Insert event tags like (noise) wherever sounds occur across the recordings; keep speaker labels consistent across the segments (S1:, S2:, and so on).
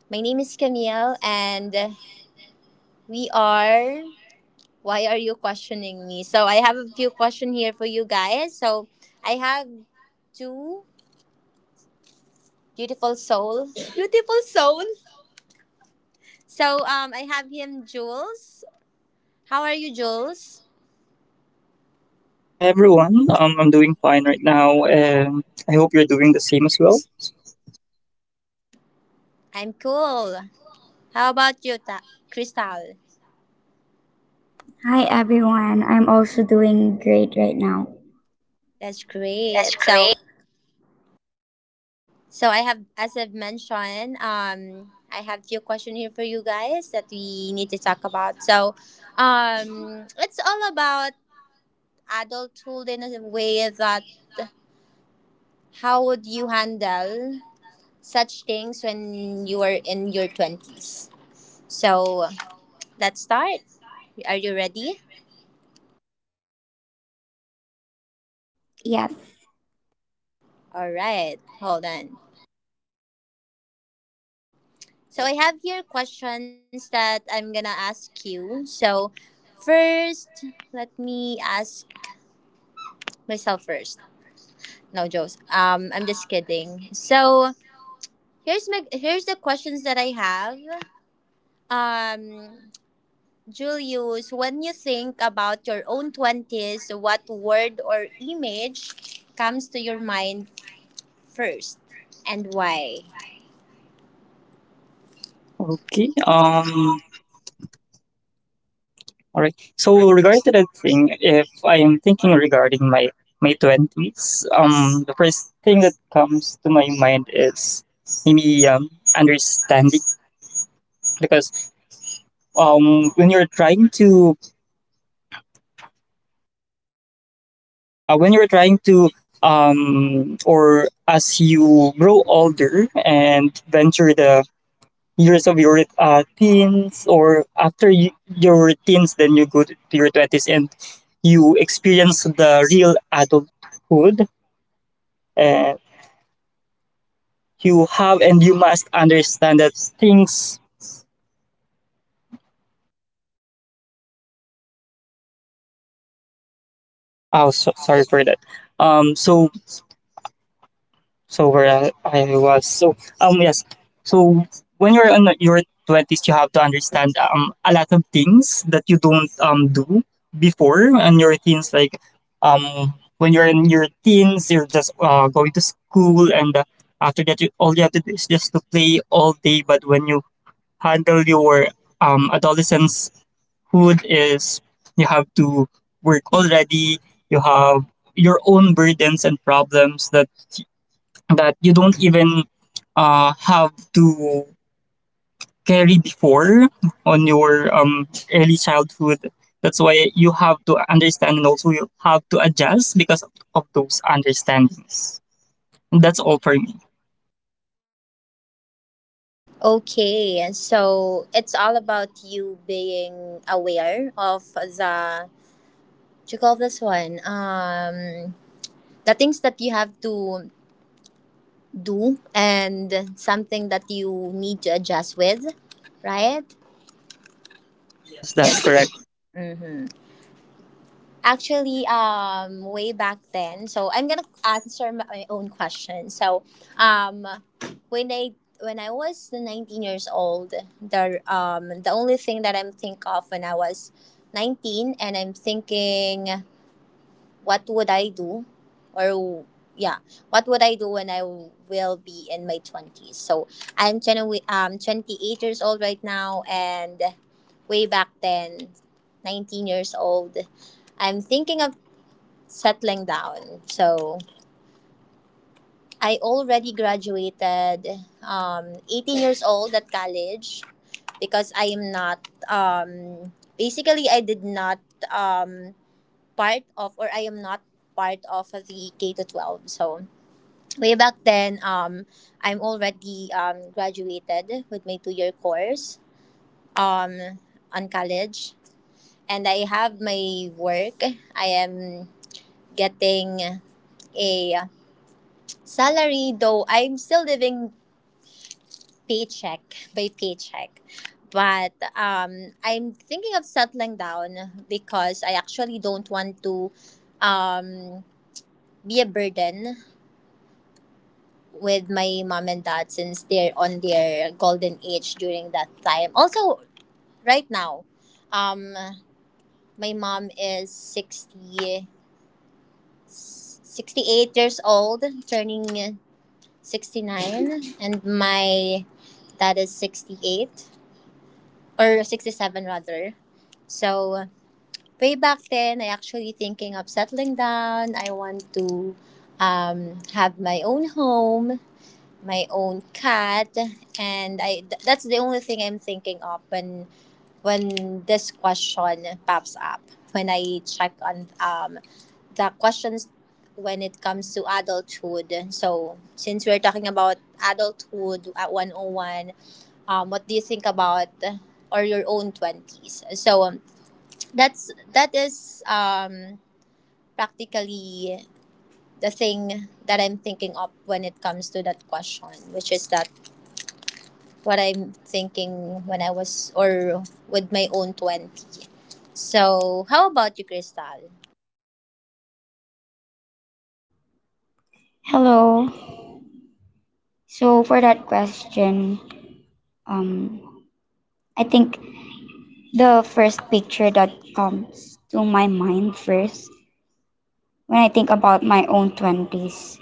S1: My name is Camille, and we are. Why are you questioning me? So, I have a few questions here for you guys. So, I have two beautiful soul, (laughs) beautiful soul. I have him, Jules. How are you, Jules?
S2: Hi everyone. I'm doing fine right now, and I hope you're doing the same as well.
S1: I'm cool. How about you, Crystal?
S3: Hi everyone, I'm also doing great right now.
S1: That's
S3: That's
S1: great.
S3: true.
S1: So I have, as I've mentioned, I have few questions here for you guys that we need to talk about. It's all about adulthood in a way that how would you handle such things when you are in your twenties? So let's start. Are you ready?
S3: Yes.
S1: All right. Hold on. So I have here questions that I'm gonna ask you. So first, let me ask myself first. No jokes. I'm just kidding. So here's the questions that I have. Um, Julius, when you think about your own twenties, what word or image comes to your mind first, and why?
S2: Okay. All right. So regarding to that thing, if I am thinking regarding my twenties, the first thing that comes to my mind is maybe understanding because when you're trying to uh, when you're trying to or as you grow older and venture the years of your teens or after your teens, then you go to your 20s and you experience the real adulthood, and you have and you must understand that things. Oh, so sorry for that. um so So where I was. Yes. So when you're in your twenties, you have to understand a lot of things that you don't do before. And your teens, like when you're in your teens, you're just going to school, and after that, you, all you have to do is just to play all day. But when you handle your adolescence hood is you have to work already. You have your own burdens and problems that you don't even have to carry before on your early childhood. That's why you have to understand, and also you have to adjust because of those understandings. And that's all for me.
S1: Okay, so it's all about you being aware of the what you call this one the things that you have to do and something that you need to adjust with, right?
S2: Yes, that's correct.
S1: Mm-hmm. Actually, way back then, so I'm gonna answer my own question. Um, when I was 19 years old, the only thing that I'm think of when I was 19 and I'm thinking what would I do? Or yeah, what would I do when I will be in my twenties? So 28 years old right now, and way back then, 19 years old, I'm thinking of settling down. So I already graduated, 18 years old at college, because I did not um part of or I am not part of the K to 12. So way back then, I'm already graduated with my 2 year course um, on college, and I have my work. I am getting a salary, though I'm still living paycheck by paycheck. But I'm thinking of settling down because I actually don't want to um, be a burden with my mom and dad since they're on their golden age during that time. Also, right now, um, my mom is 68 years old, turning 69, and my dad is 68 or 67 rather. So, way back then, I actually thinking of settling down. I want to have my own home my own cat and that's the only thing I'm thinking of when this question pops up when I check on the questions when it comes to adulthood, so since we're talking about adulthood at 101, what do you think about or your own 20s? So that's that is Practically the thing that I'm thinking of when it comes to that question, which is that what I'm thinking when I was or with my own 20. So, how about you, Crystal?
S3: Hello. So for that question, um I think the first picture that comes to my mind first when I think about my own 20s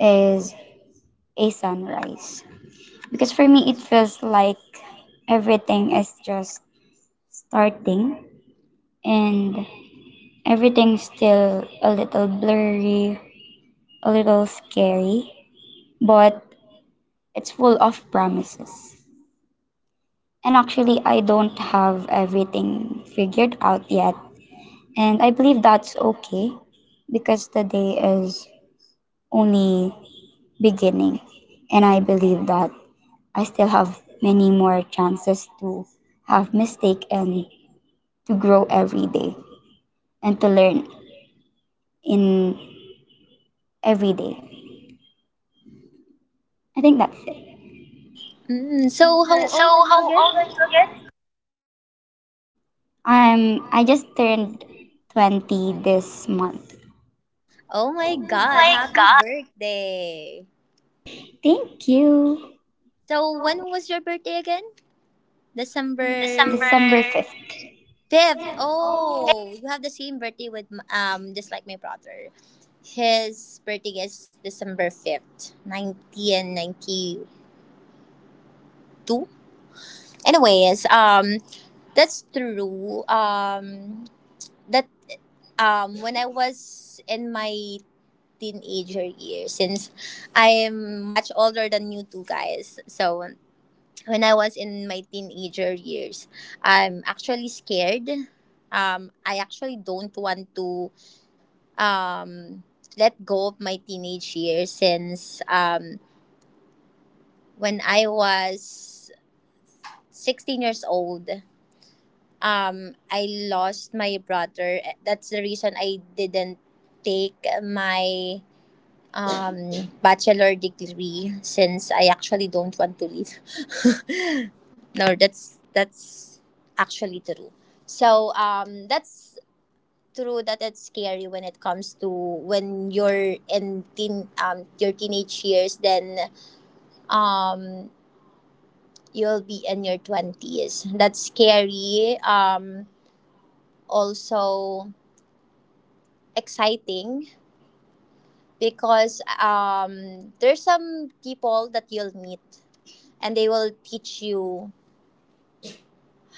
S3: is a sunrise. Because for me it feels like everything is just starting and everything's still a little blurry, a little scary, but it's full of promises. And actually, I don't have everything figured out yet. And I believe that's okay because the day is only beginning. And I believe that I still have many more chances to have mistake and to grow every day and to learn in every day. I think that's it.
S1: Mm, so,
S3: Hmm,
S1: how
S3: so
S1: old are you
S3: how
S1: again?
S3: old are you again? I just turned 20 this month.
S1: Oh my
S3: Oh
S1: god,
S3: my
S1: happy
S3: god.
S1: birthday!
S3: Thank you.
S1: So, when was your birthday again?
S3: December,
S1: December
S3: December 5th.
S1: 5th. Oh, you have the same birthday with just like my brother. His birthday is December 5th, 1992. Anyways, that's true. That when I was in my teenager years, since I am much older than you two guys, so when I was in my teenager years, I'm actually scared. I actually don't want to um let go of my teenage years, since when I was 16 years old, I lost my brother. That's the reason I didn't take my bachelor degree, since I actually don't want to leave. (laughs) No, that's actually true. So that's true that it's scary when it comes to when you're in teen your teenage years, then um you'll be in your 20s. That's scary, also exciting, because there's some people that you'll meet and they will teach you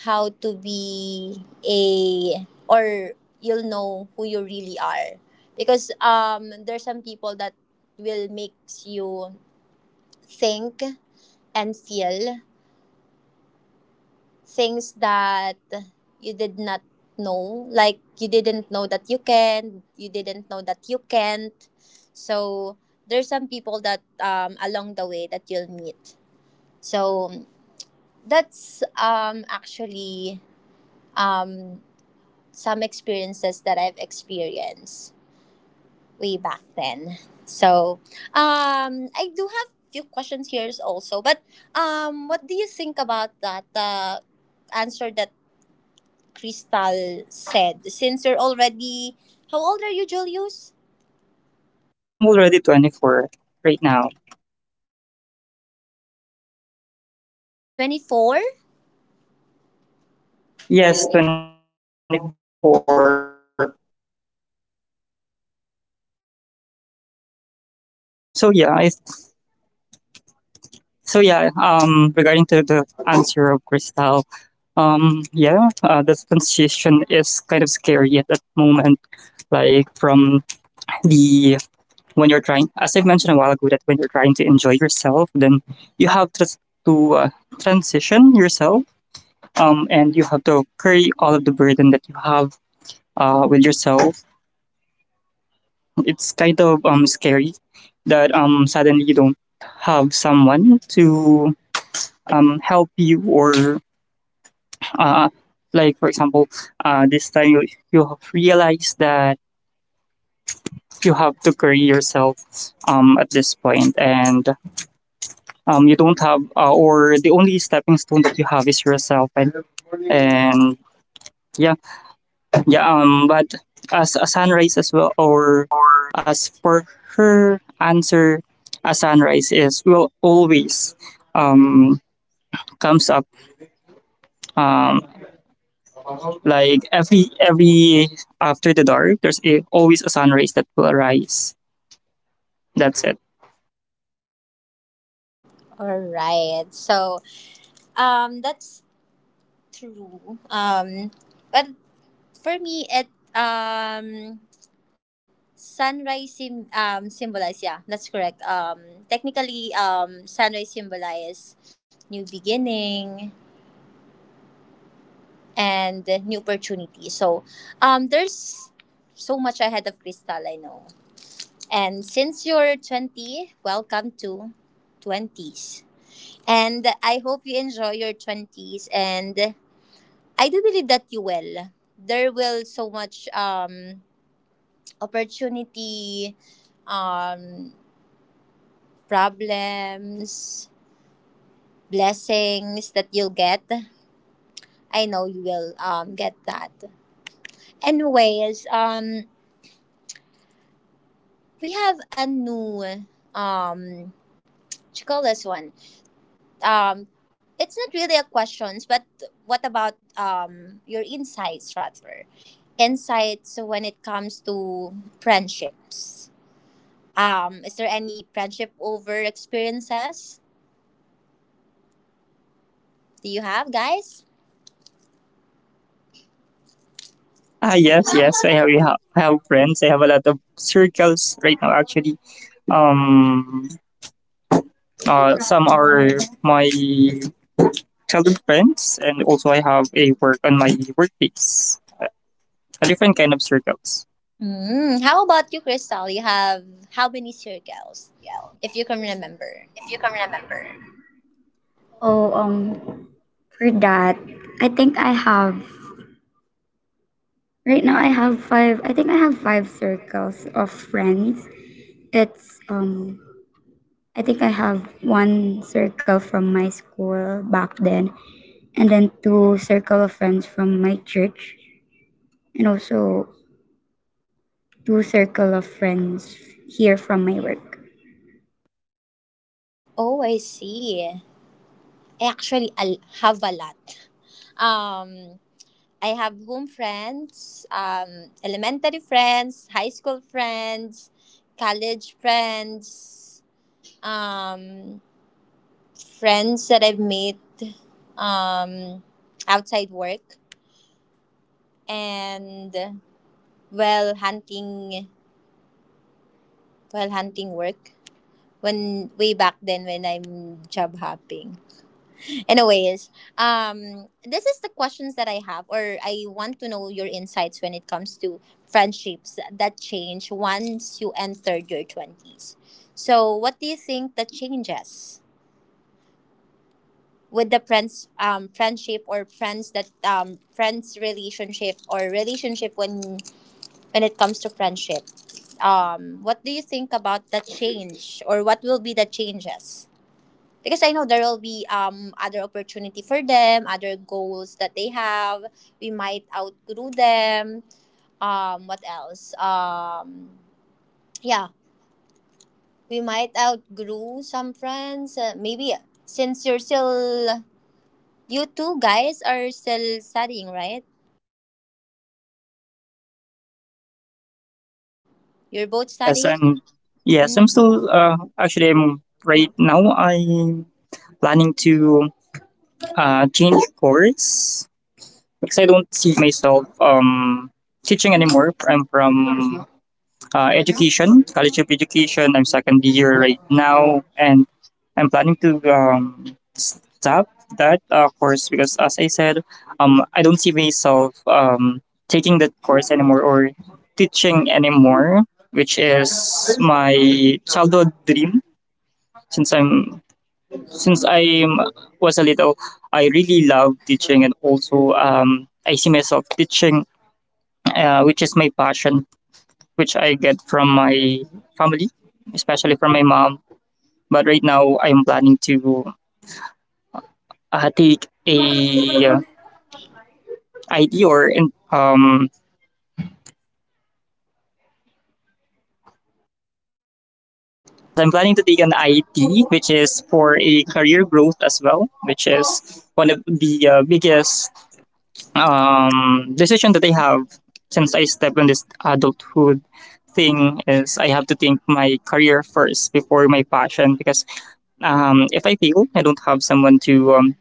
S1: how to be a or you'll know who you really are, because there's some people that will make you think and feel things that you did not know, like you didn't know that you can, you didn't know that you can't. So there's some people that along the way that you'll meet. So that's actually um some experiences that I've experienced way back then. So, I do have few questions here also, but what do you think about that answer that Crystal said? Since you're already, how old are you, Julius?
S2: I'm already 24 right now.
S1: 24?
S2: Yes, 24. So yeah, I, so, regarding to the answer of Crystal, yeah, the transition is kind of scary at that moment, like from the when you're trying, as I've mentioned a while ago, that when you're trying to enjoy yourself, then you have to transition yourself, and you have to carry all of the burden that you have with yourself. It's kind of scary that suddenly you don't have someone to help you or uh, like for example this time you, you have realized that you have to carry yourself at this point, and you don't have or the only stepping stone that you have is yourself. And yeah yeah But as a sunrise as well, or as for her answer, a sunrise is will always um comes up, um like every after the dark there's always a sunrise that will arise. That's it.
S1: All right. So, that's true. But for me, it, um, symbolize, yeah, that's correct. Technically, sunrise symbolize new beginning and new opportunity. So, there's so much ahead of Crystal, I know. And since you're 20, welcome to 20s. And I hope you enjoy your 20s. And I do believe that you will. There will so much opportunity, um, problems, blessings that you'll get. I know you will get that. Anyways, we have a new um, what you call this one. Um, it's not really a questions, but what about your insights rather? Insights when it comes to friendships. Is there any friendship over experiences? Do you have guys?
S2: I have friends. I have a lot of circles right now, actually. um some are my childhood friends, and also I have a work on my workplace. A different kind of circles.
S1: Mm, how about you, Crystal? You have how many circles,
S3: Miguel,
S1: if you can remember?
S3: if you can remember. Oh, for that, I think I have right now. I have five. I think I have five circles of friends. It's I think I have one circle from my school back then, and then two circle of friends from my church, and also two circle of friends here from my work.
S1: Oh, I see. I actually have a lot. Um, I have home friends, elementary friends, high school friends, college friends, um, friends that I've met um, outside work, and while hunting, while hunting work. When Way back then when I'm job hopping. Anyways, this is the questions that I have, or I want to know your insights when it comes to friendships that change once you entered your twenties. So, what do you think that changes with the friends, friendship or friends that friends relationship or relationship when it comes to friendship? What do you think about the change, or what will be the changes? Because I know there will be other opportunity for them, other goals that they have. We might outgrow them. What else? Yeah, we might outgrow some friends. Maybe since you're still, you two guys are still studying, right? You're both
S2: Yes,
S1: studying.
S2: and yes, I'm
S1: Mm.
S2: still actually I'm right now I'm planning to change course because I don't see myself teaching anymore. I'm from education, college of education. I'm second year right now, and I'm planning to stop that course because, as I said, I don't see myself taking that course anymore or teaching anymore, which is my childhood dream. Since I'm since I was a little, I really love teaching, and also I see myself teaching, which is my passion, which I get from my family, especially from my mom. But right now, I'm planning to uh, take a uh, IT or in- um, yes, I'm planning to take an IT, which is for a career growth as well, which is one of the biggest decision that I have since I step in this adulthood thing is I have to think my career first before my passion because if I fail, I don't have someone to um,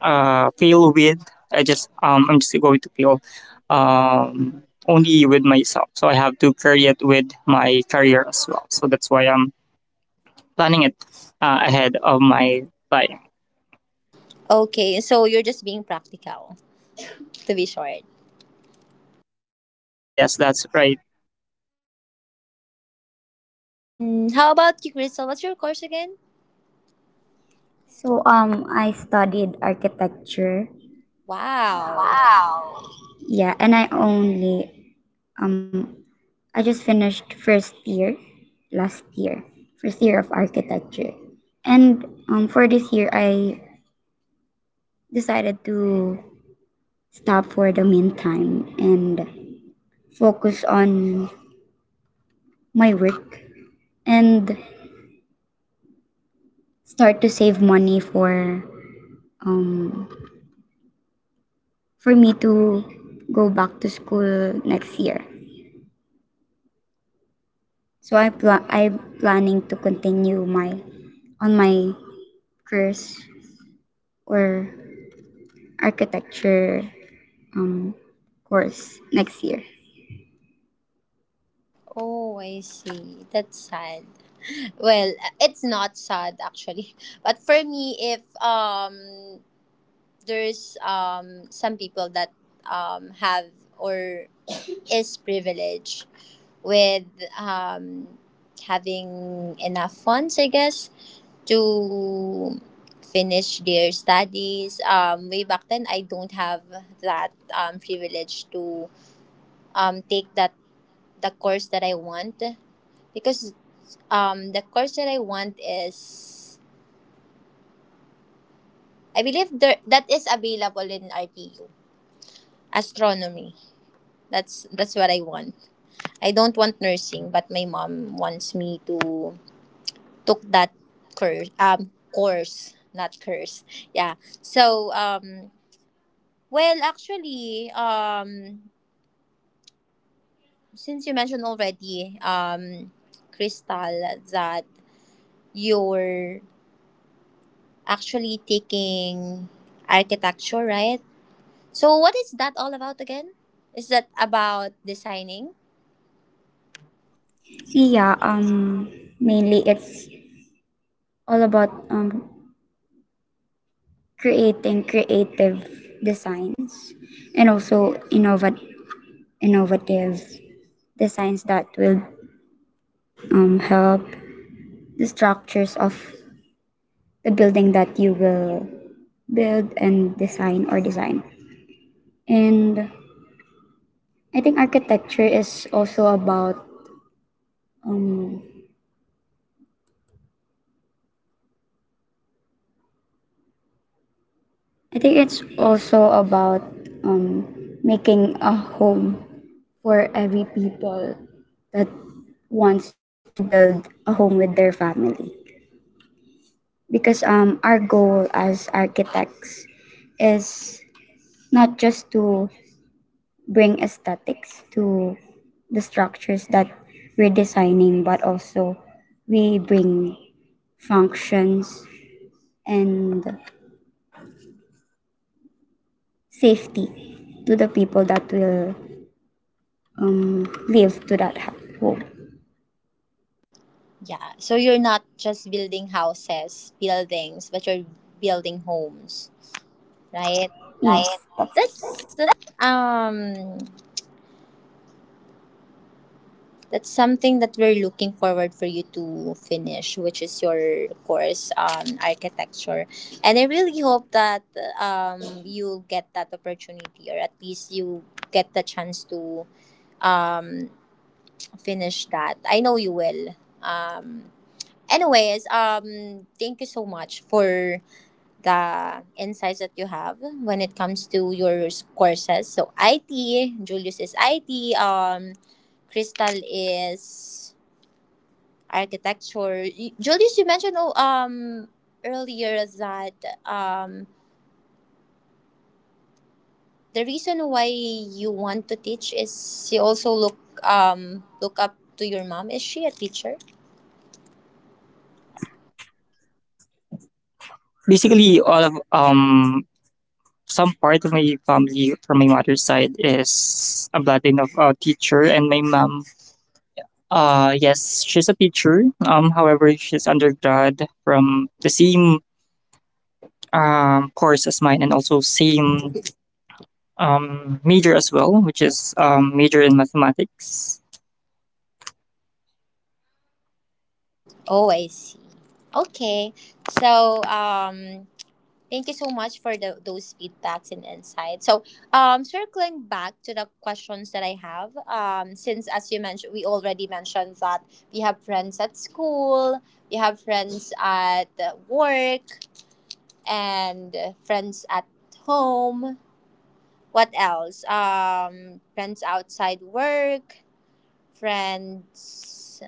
S2: uh, feel with. I just I'm just going to feel only with myself. So I have to carry it with my career as well. So that's why I'm planning it ahead of my time.
S1: Okay, so you're just being practical, to be short.
S2: Yes, that's right.
S1: Mm, how about you, Crystal? What's your course again?
S3: So I studied architecture.
S1: Wow.
S3: Wow. Yeah, and I just finished first year last year, first year of architecture. And for this year, I decided to stop for the meantime and focus on my work and start to save money um, for me to go back to school next year. So I'm planning to continue my on my course or architecture um, course next year.
S1: Oh, I see. That's sad. Well, it's not sad actually. (laughs) But for me, if there's some people that have or is privileged with um having enough funds, I guess, to finish their studies. Way back then, I don't have that privilege to take that the course that I want, because the course that I want is I believe there that is available in RTU. Astronomy. That's what I want. I don't want nursing, but my mom wants me to took that course. Course, not curse. Yeah. So well, actually, since you mentioned already, Crystal, that you're actually taking architecture, right? So what is that all about again? Is that about designing?
S3: Yeah, mainly it's all about creating creative designs and also innovative designs that will help the structures of the building that you will build and design or design. And I think architecture is also about, um, I think it's also about, um, making a home for every people that wants to build a home with their family. Because our goal as architects is not just to bring aesthetics to the structures that we're designing, but also we bring functions and safety to the people that will live to that home.
S1: Yeah. So you're not just building houses, buildings, but you're building homes, right?
S3: Yes, right. That's
S1: That's um that's something that we're looking forward for you to finish, which is your course on architecture. And I really hope that you'll get that opportunity, or at least you get the chance to um finish that. I know you will. Um Anyways, thank you so much for the insights that you have when it comes to your courses. So IT, Julius is IT, Crystal is architecture. Julius, you mentioned earlier that um the reason why you want to teach is you also look look up to your mom. Is she a teacher?
S2: Basically, all of some part of my family from my mother's side is a bloodline of a teacher, and my mom. Yes, she's a teacher. However, she's undergrad from the same course as mine, and also same major as well, which is major in mathematics.
S1: Oh, I see. Okay. So thank you so much for those feedbacks and insights. So, circling back to the questions that I have, since as you mentioned, we already mentioned that we have friends at school, we have friends at work, and friends at home. What else? Friends outside work, friends.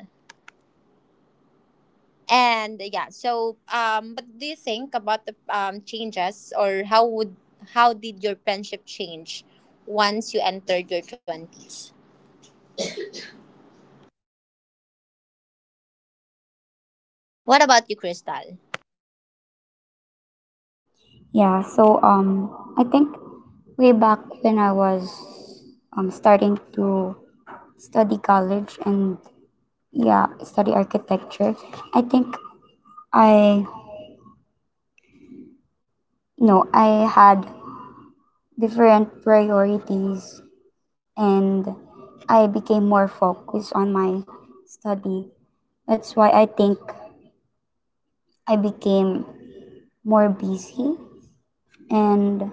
S1: And yeah, so but do you think about the changes? Or how would, how did your friendship change once you entered your 20s? What about you, Crystal?
S3: yeah. So I think way back when I was starting to study college and yeah, study architecture, I think I you know I had different priorities and I became more focused on my study. That's why I think I became more busy and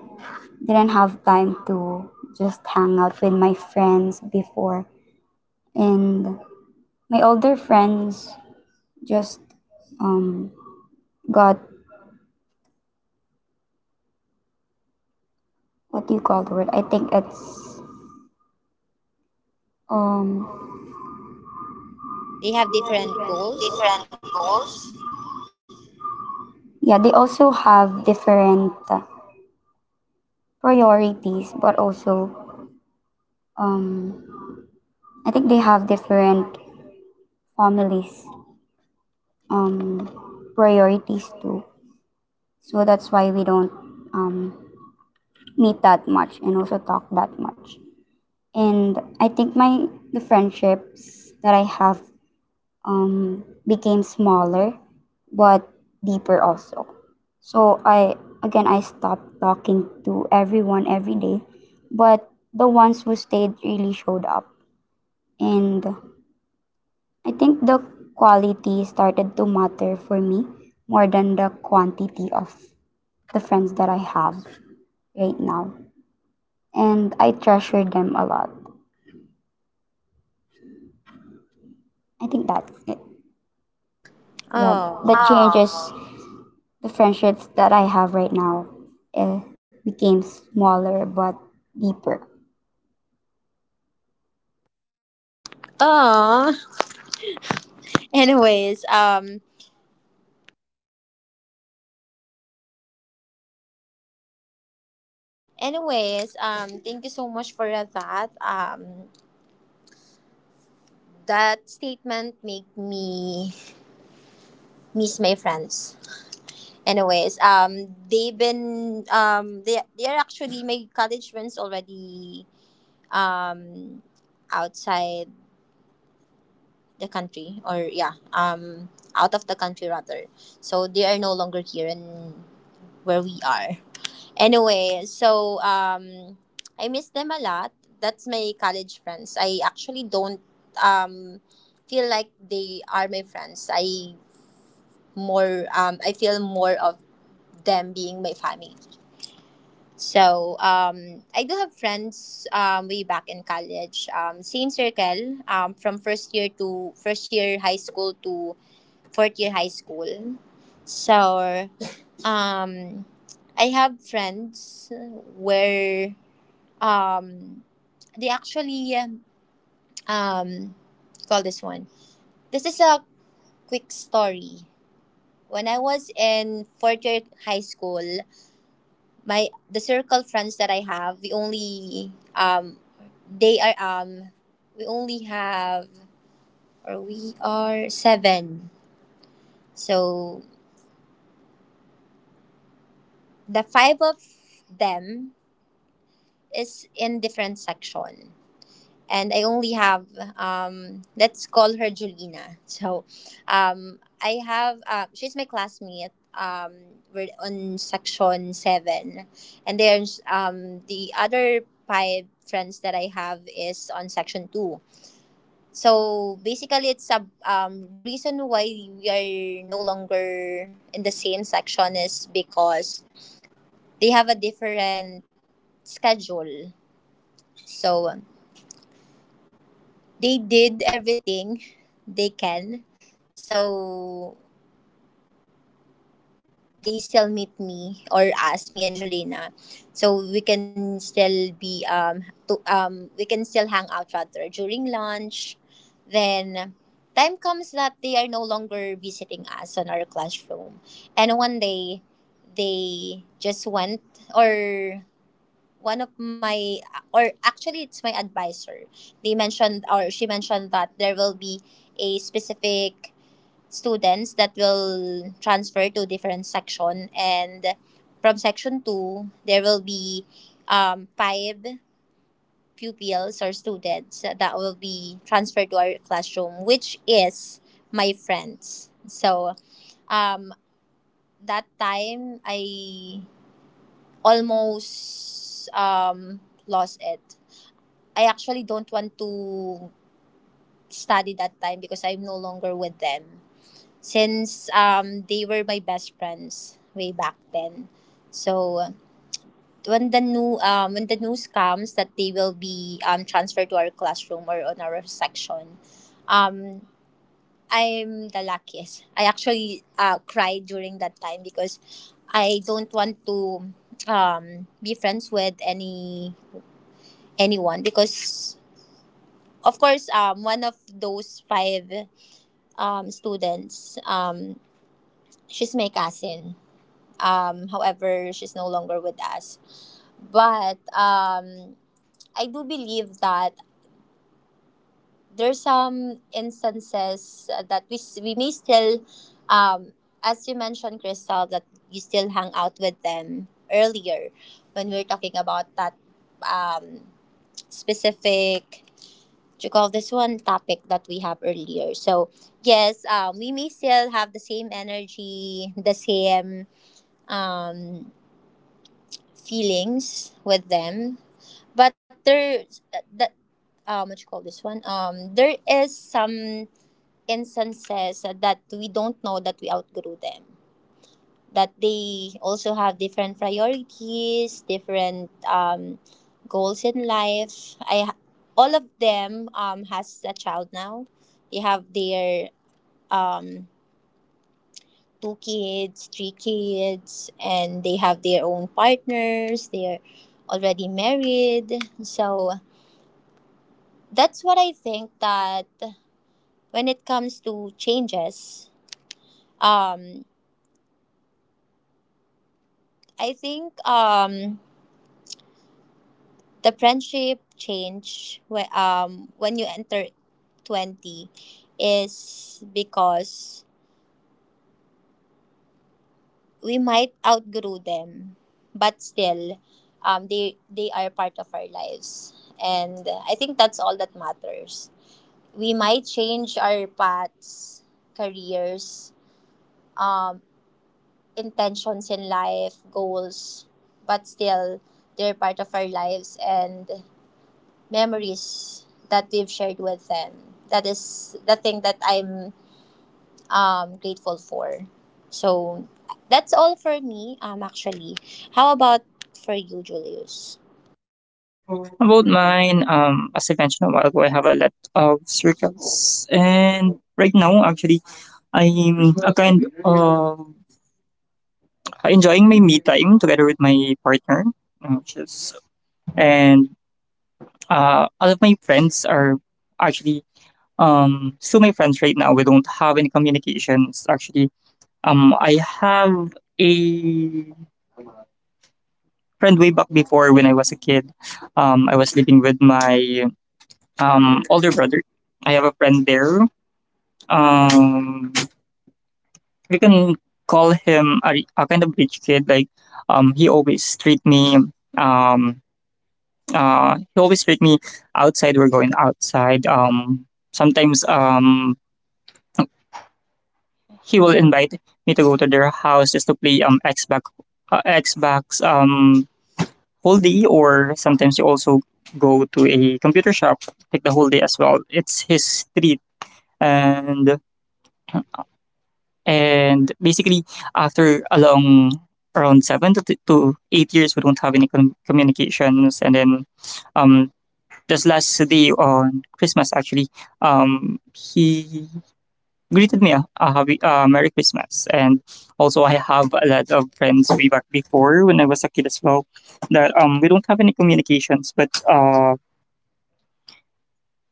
S3: didn't have time to just hang out with my friends before and my older friends just um got what do you call the word, I think it's um
S1: They have different goals.
S3: Different goals? Yeah, they also have different priorities but also um I think they have different families um priorities too, so that's why we don't um meet that much and also talk that much. And I think my the friendships that I have became smaller, but deeper also. So I, again, I stopped talking to everyone every day, but the ones who stayed really showed up. And I think the quality started to matter for me more than the quantity of the friends that I have right now. And I treasure them a lot. I think that's it. Yeah, that
S1: Oh.
S3: changes the friendships that I have right now. It became smaller but deeper.
S1: Oh. (laughs) anyways um anyways, thank you so much for that, that statement made me miss my friends. Anyways, they've been, they are actually my college friends already, um, outside the country. Or yeah, out of the country rather. So they are no longer here and where we are anyway. So I miss them a lot. That's my college friends. I actually don't, um, feel like they are my friends. I feel more of them being my family. So I do have friends, way back in college, same circle, from first year to first year high school to fourth year high school. So um, I have friends where um, they actually, um, call this one. This is a quick story. When I was in fourth year high school, my the circle friends that I have, They are um we only have, or we are seven. So the five of them is in different section. And I only have, let's call her Julina. (laughs) So I have, she's my classmate. We're on section seven. And there's the other five friends that I have is on section 2. So basically, it's a, the reason why we are no longer in the same section is because they have a different schedule. So they did everything they can. So they still meet me or us, me and Julina. So we can still be to we can still hang out rather during lunch. Then time comes that they are no longer visiting us on our classroom. And one day they just went, or one of my, or actually it's my advisor. They mentioned, or she mentioned, that there will be a specific students that will transfer to different section, and from section 2 there will be, five pupils or students that will be transferred to our classroom, which is my friends. So um, that time I almost, lost it. I actually don't want to study that time because I'm no longer with them, since they were my best friends way back then. So when the news comes that they will be, transferred to our classroom or on our section, um, I'm the luckiest. I actually, cried during that time because I don't want to, be friends with anyone, because of course one of those five, students, she's my cousin. However, she's no longer with us. But I do believe that there's some instances, that we may still, um, as you mentioned, Crystal, that you still hang out with them earlier when we were talking about that, um, specific. What you call this one, topic that we have earlier. So yes, we may still have the same energy, the same, um, feelings with them. But there's that, what you call this one, there is some instances that we don't know that we outgrew them, that they also have different priorities, different, goals in life. All of them has a child now. They have their, um two kids, three kids, and they have their own partners. They're already married. So that's what I think, that when it comes to changes, um, I think, the friendship change when you enter 20 is because we might outgrow them, but still, they are part of our lives. And I think that's all that matters. We might change our paths, careers, um, intentions in life, goals, but still they're part of our lives and memories that we've shared with them. That is the thing that I'm, grateful for. So that's all for me, actually. How about for you, Julius?
S2: About mine, as I mentioned a while ago, I have a lot of circles, and right now, actually, I'm a kind of enjoying my me time together with my partner, which is and all of my friends are actually still my friends right now. We don't have any communications, actually. I have a friend way back before when I was a kid. I was living with my older brother. I have a friend there. Um, we can call him a kind of rich kid. Like he always treat me. Um, he always treat me outside. We're going outside. Sometimes he will invite me to go to their house just to play Xbox whole day, or sometimes you also go to a computer shop, take the whole day as well. It's his street, and basically after along around seven to 8 years, we don't have any communications. And then um this last day on Christmas, actually, he greeted me a happy Merry Christmas. And also I have a lot of friends way back before when I was a kid as well that we don't have any communications, but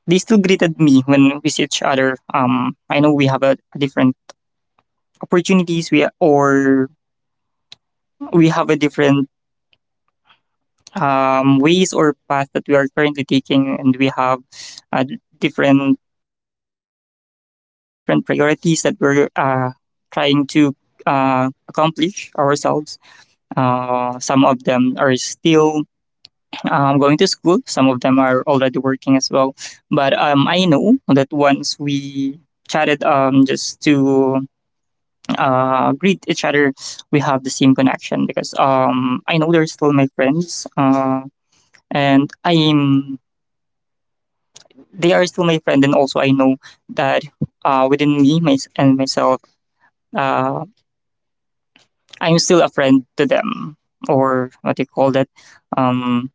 S2: they still greeted me when we see each other. I know we have a different opportunities, we or we have a different ways or path that we are currently taking, and we have uh, different different priorities that we're trying to accomplish ourselves. Some of them are still going to school. Some of them are already working as well. But I know that once we chatted just to greet each other, we have the same connection because I know they're still my friends, and I'm they are still my friend, and also I know that within me my, and myself, uh, I'm still a friend to them, or what do you call that, um,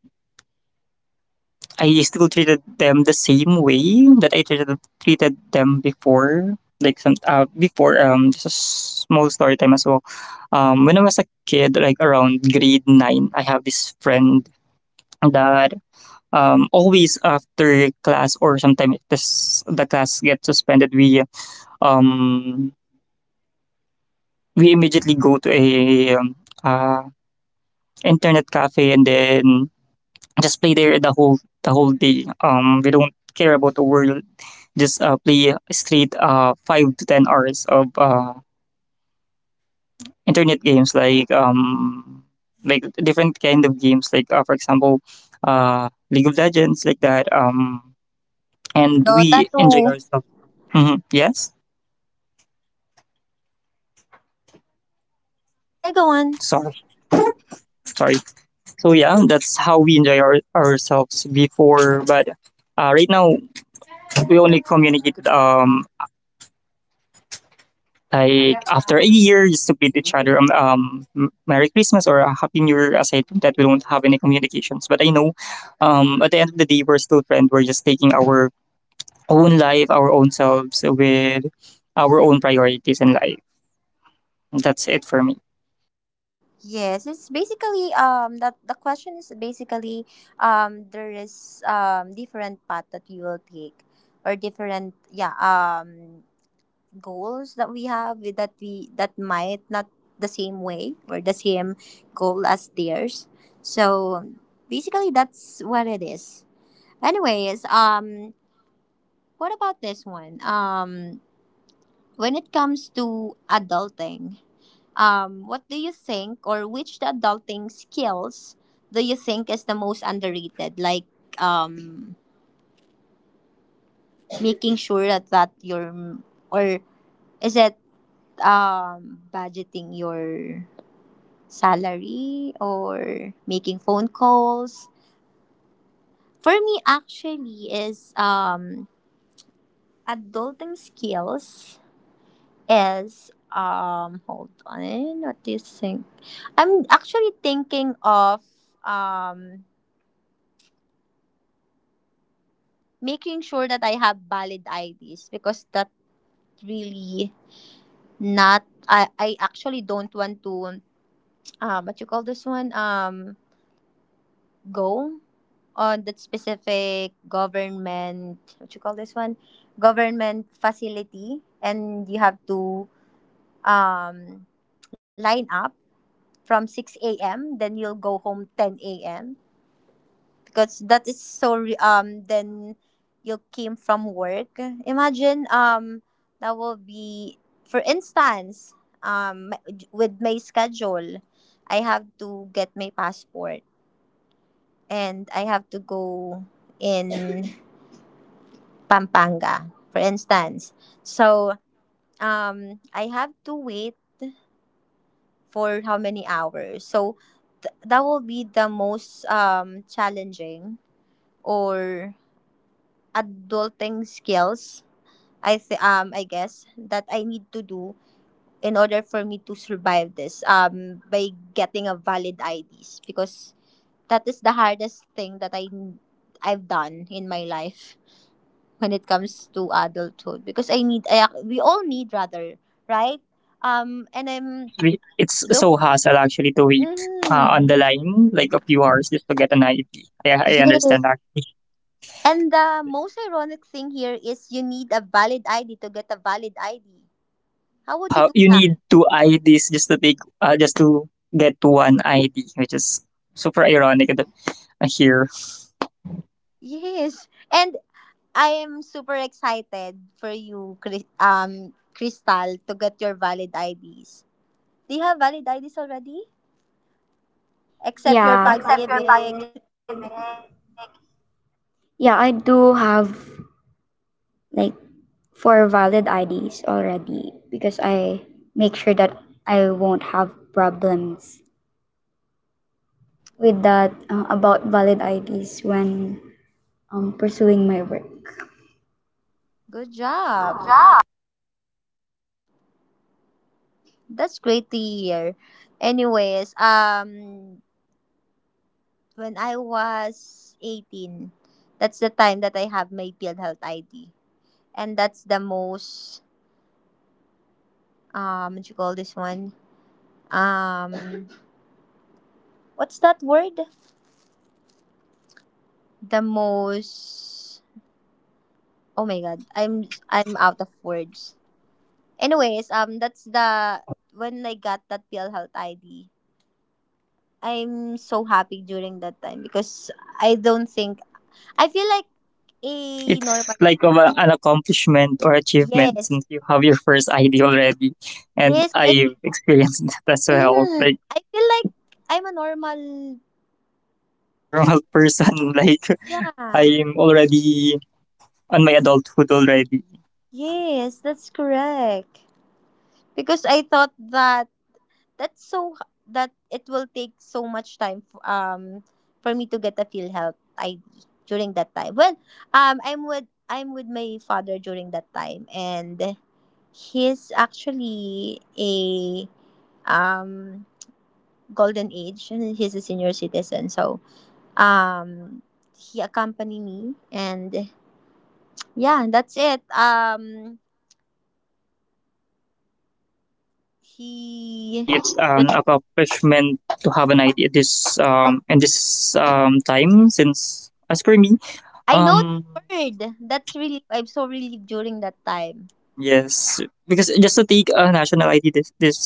S2: I still treated them the same way that I treated them before. Like some before just a small story time as well. When I was a kid, like around grade nine, I have this friend that always after class, or sometimes this the class gets suspended, um we immediately go to a uh, internet cafe, and then just play there the whole day. We don't care about the world. Just play straight 5 to 10 hours of internet games, like different kind of games, like for example League of Legends, like that. And
S1: Dota
S2: we enjoy
S1: 2.
S2: ourselves. Yes.
S1: Yeah, go on.
S2: Sorry, sorry. So yeah, that's how we enjoy ourselves before. But right now we only communicated like after a year, just to greet each other Merry Christmas or a Happy New Year. Aside from that, we don't have any communications. But I know, at the end of the day, we're still friends. We're just taking our own life, our own selves with our own priorities in life. That's it for me.
S1: Yes, it's basically that the question is basically, there is different path that we will take, or different, yeah, goals that we have that we, that might not the same way or the same goal as theirs. So basically that's what it is. Anyways, what about this one? When it comes to adulting, what do you think, or which the adulting skills do you think is the most underrated? Like, um, making sure that, that your, or is it budgeting your salary, or making phone calls? For me, actually, is adulting skills is hold on, what do you think? I'm actually thinking of, um making sure that I have valid IDs, because that really not I actually don't want to, what you call this one, go on that specific government, what you call this one, government facility, and you have to, um line up from 6 a.m. then you'll go home 10 a.m. because that is so then you came from work. Imagine, that will be, for instance, um my- with my schedule, I have to get my passport, and I have to go in Pampanga for instance. So I have to wait for how many hours. So th- that will be the most challenging, or adulting skills I I guess that I need to do in order for me to survive this, by getting a valid IDs, because that is the hardest thing that I I've done in my life when it comes to adulthood. Because I need, we all need rather, right? And
S2: Yes,
S1: I'm
S2: we, it's
S1: look.
S2: so hassle actually to wait on
S1: Mm.
S2: the line like a few hours just to get an ID. Yeah, I
S1: Yes.
S2: understand that. (laughs)
S1: And the most ironic thing here is you need a valid ID to get a valid ID. How would you do
S2: You
S1: that?
S2: need two IDs just to take just to get to one ID, which is super ironic that here.
S1: Yes. And I am super excited for you, Chris, Crystal, to get your valid IDs. Do you have valid IDs already? Except your
S3: Yeah. Except your
S1: pag-ibig.
S3: positive eh? Yeah, I do have like four valid IDs already because I make sure that I won't have problems with that about valid IDs when pursuing my work.
S1: Good job. That's great to hear. Anyways, when I was 18, that's the time that I have my PhilHealth ID. And that's the most, what you call this one? Um, what's that word? The most. Oh my god, I'm out of words. Anyways, that's the when I got that PhilHealth ID. I'm so happy during that time because I don't think, I feel like a
S2: It's
S1: normal.
S2: like of an accomplishment or achievement
S1: Yes,
S2: since you have your first ID already, and
S1: yes, I feel.
S2: I've experienced (laughs) that as well.
S1: Mhm,
S2: Like
S1: I feel like I'm a normal.
S2: I'm a normal person, (laughs) like
S1: Yeah.
S2: I'm already on my adulthood already.
S1: Yes, that's correct. Because I thought that that's so that it will take so much time for me to get a field health ID during that time. Well, I'm with my father during that time, and he's actually a, um golden age, and he's a senior citizen. So, um he accompanied me, and yeah, that's it.
S2: Yeah,
S1: He
S2: actually, it's
S1: just.
S2: an accomplishment to have an idea this in this time since as per me
S1: I know
S2: um
S1: the word. That's really, I'm so relieved during that time.
S2: yes, because just to take a national ID this this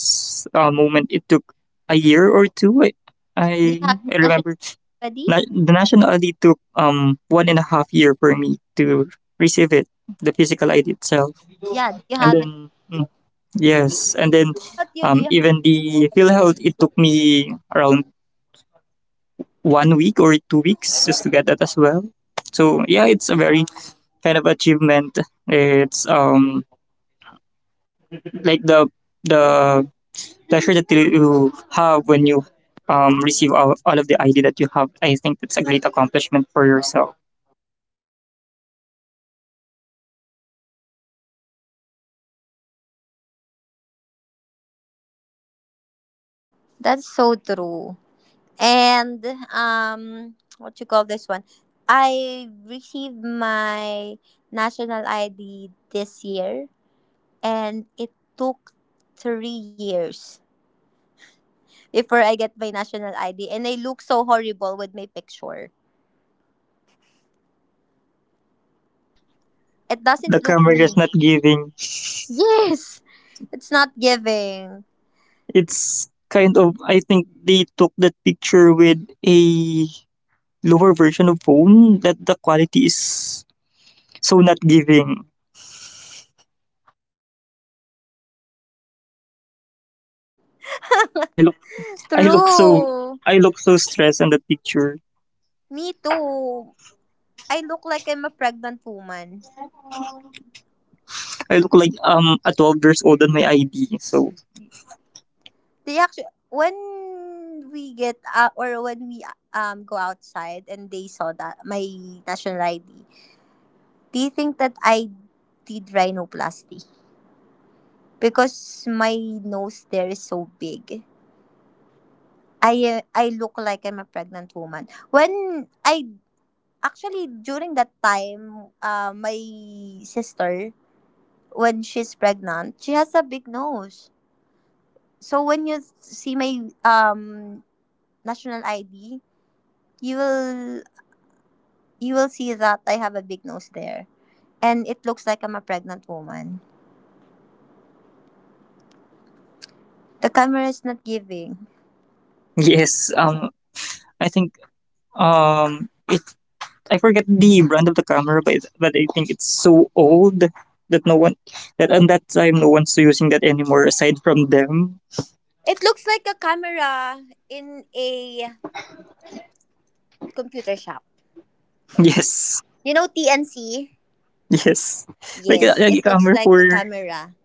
S2: moment, it took a year or two.
S1: Do you have
S2: I
S1: national
S2: remember
S1: already?
S2: the national ID took one and a half year for me to receive it, the physical ID itself.
S1: Yeah, do you
S2: and
S1: have it
S2: then mm,
S1: already?
S2: yes, and then
S1: What you do you.
S2: even the PhilHealth it took me around 1 week or 2 weeks just to get that as well. So yeah, it's a very kind of achievement. It's like the pleasure that you have when you receive all of the ID that you have. I think it's a great accomplishment for yourself.
S1: That's so true. And what you call this one? I received my national ID this year, and it took 3 years before I get my national ID, and I look so horrible with my picture. It doesn't
S2: The
S1: look
S2: camera
S1: me.
S2: is not giving.
S1: Yes. It's not giving.
S2: It's kind of, I think they took that picture with a lower version of phone that the quality is so not giving. I look I look so
S1: True.
S2: I look so stressed on the picture.
S1: Me too. I look like I'm a pregnant woman.
S2: I look like a 12 years old on my ID. So
S1: They actually when we get, or when we, go outside, and they saw that my national ID, they think that I did rhinoplasty because my nose there is so big. I look like I'm a pregnant woman. When I actually during that time, my sister when she's pregnant, she has a big nose. So when you see my, national ID, you will you will see that I have a big nose there, and it looks like I'm a pregnant woman. The camera is not giving.
S2: yes, I think it I forget the brand of the camera, but I think it's so old that no one, that on that time no one's using that anymore aside from them. (laughs)
S1: It looks like a camera in a computer shop.
S2: Yes.
S1: You know TNC?
S2: Yes. Like
S1: Yes,
S2: like a
S1: it looks
S2: camera
S1: like a
S2: for
S1: camera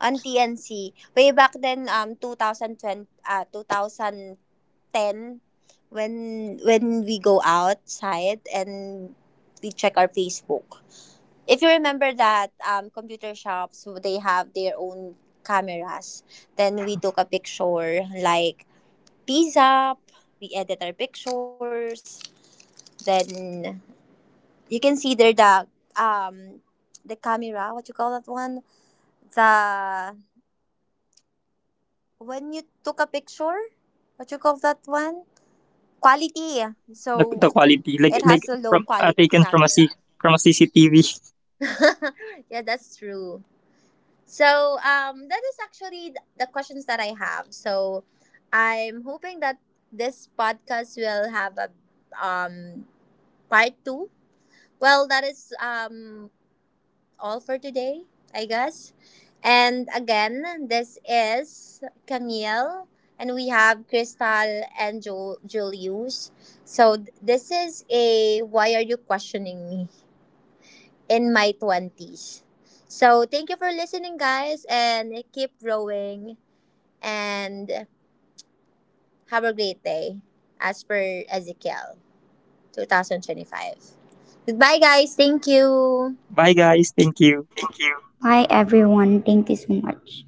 S1: on TNC. Way back then, 2020, 2010, when we go outside and we check our Facebook. If you remember that, computer shops they have their own cameras, then we took a picture like peace up, we edit our pictures, then you can see there the, um the camera, what you call that one, the, when you took a picture, what you call that one, quality.
S2: the
S1: So
S2: quality. Like
S1: it has a low
S2: from
S1: quality
S2: taken from a
S1: camera.
S2: C from a CCTV.
S1: (laughs) Yeah, that's true. So that is actually the questions that I have. So I'm hoping that this podcast will have a, um, part two. Well, that is, all for today, I guess. And again, this is Camille, and we have Crystal and Julius. So this is a why are you questioning me in my twenties? So thank you for listening, guys, and keep growing, and have a great day as per Ezekiel 2025. Goodbye, guys. Thank you.
S2: Bye guys, thank you.
S3: Bye everyone. Thank you so much.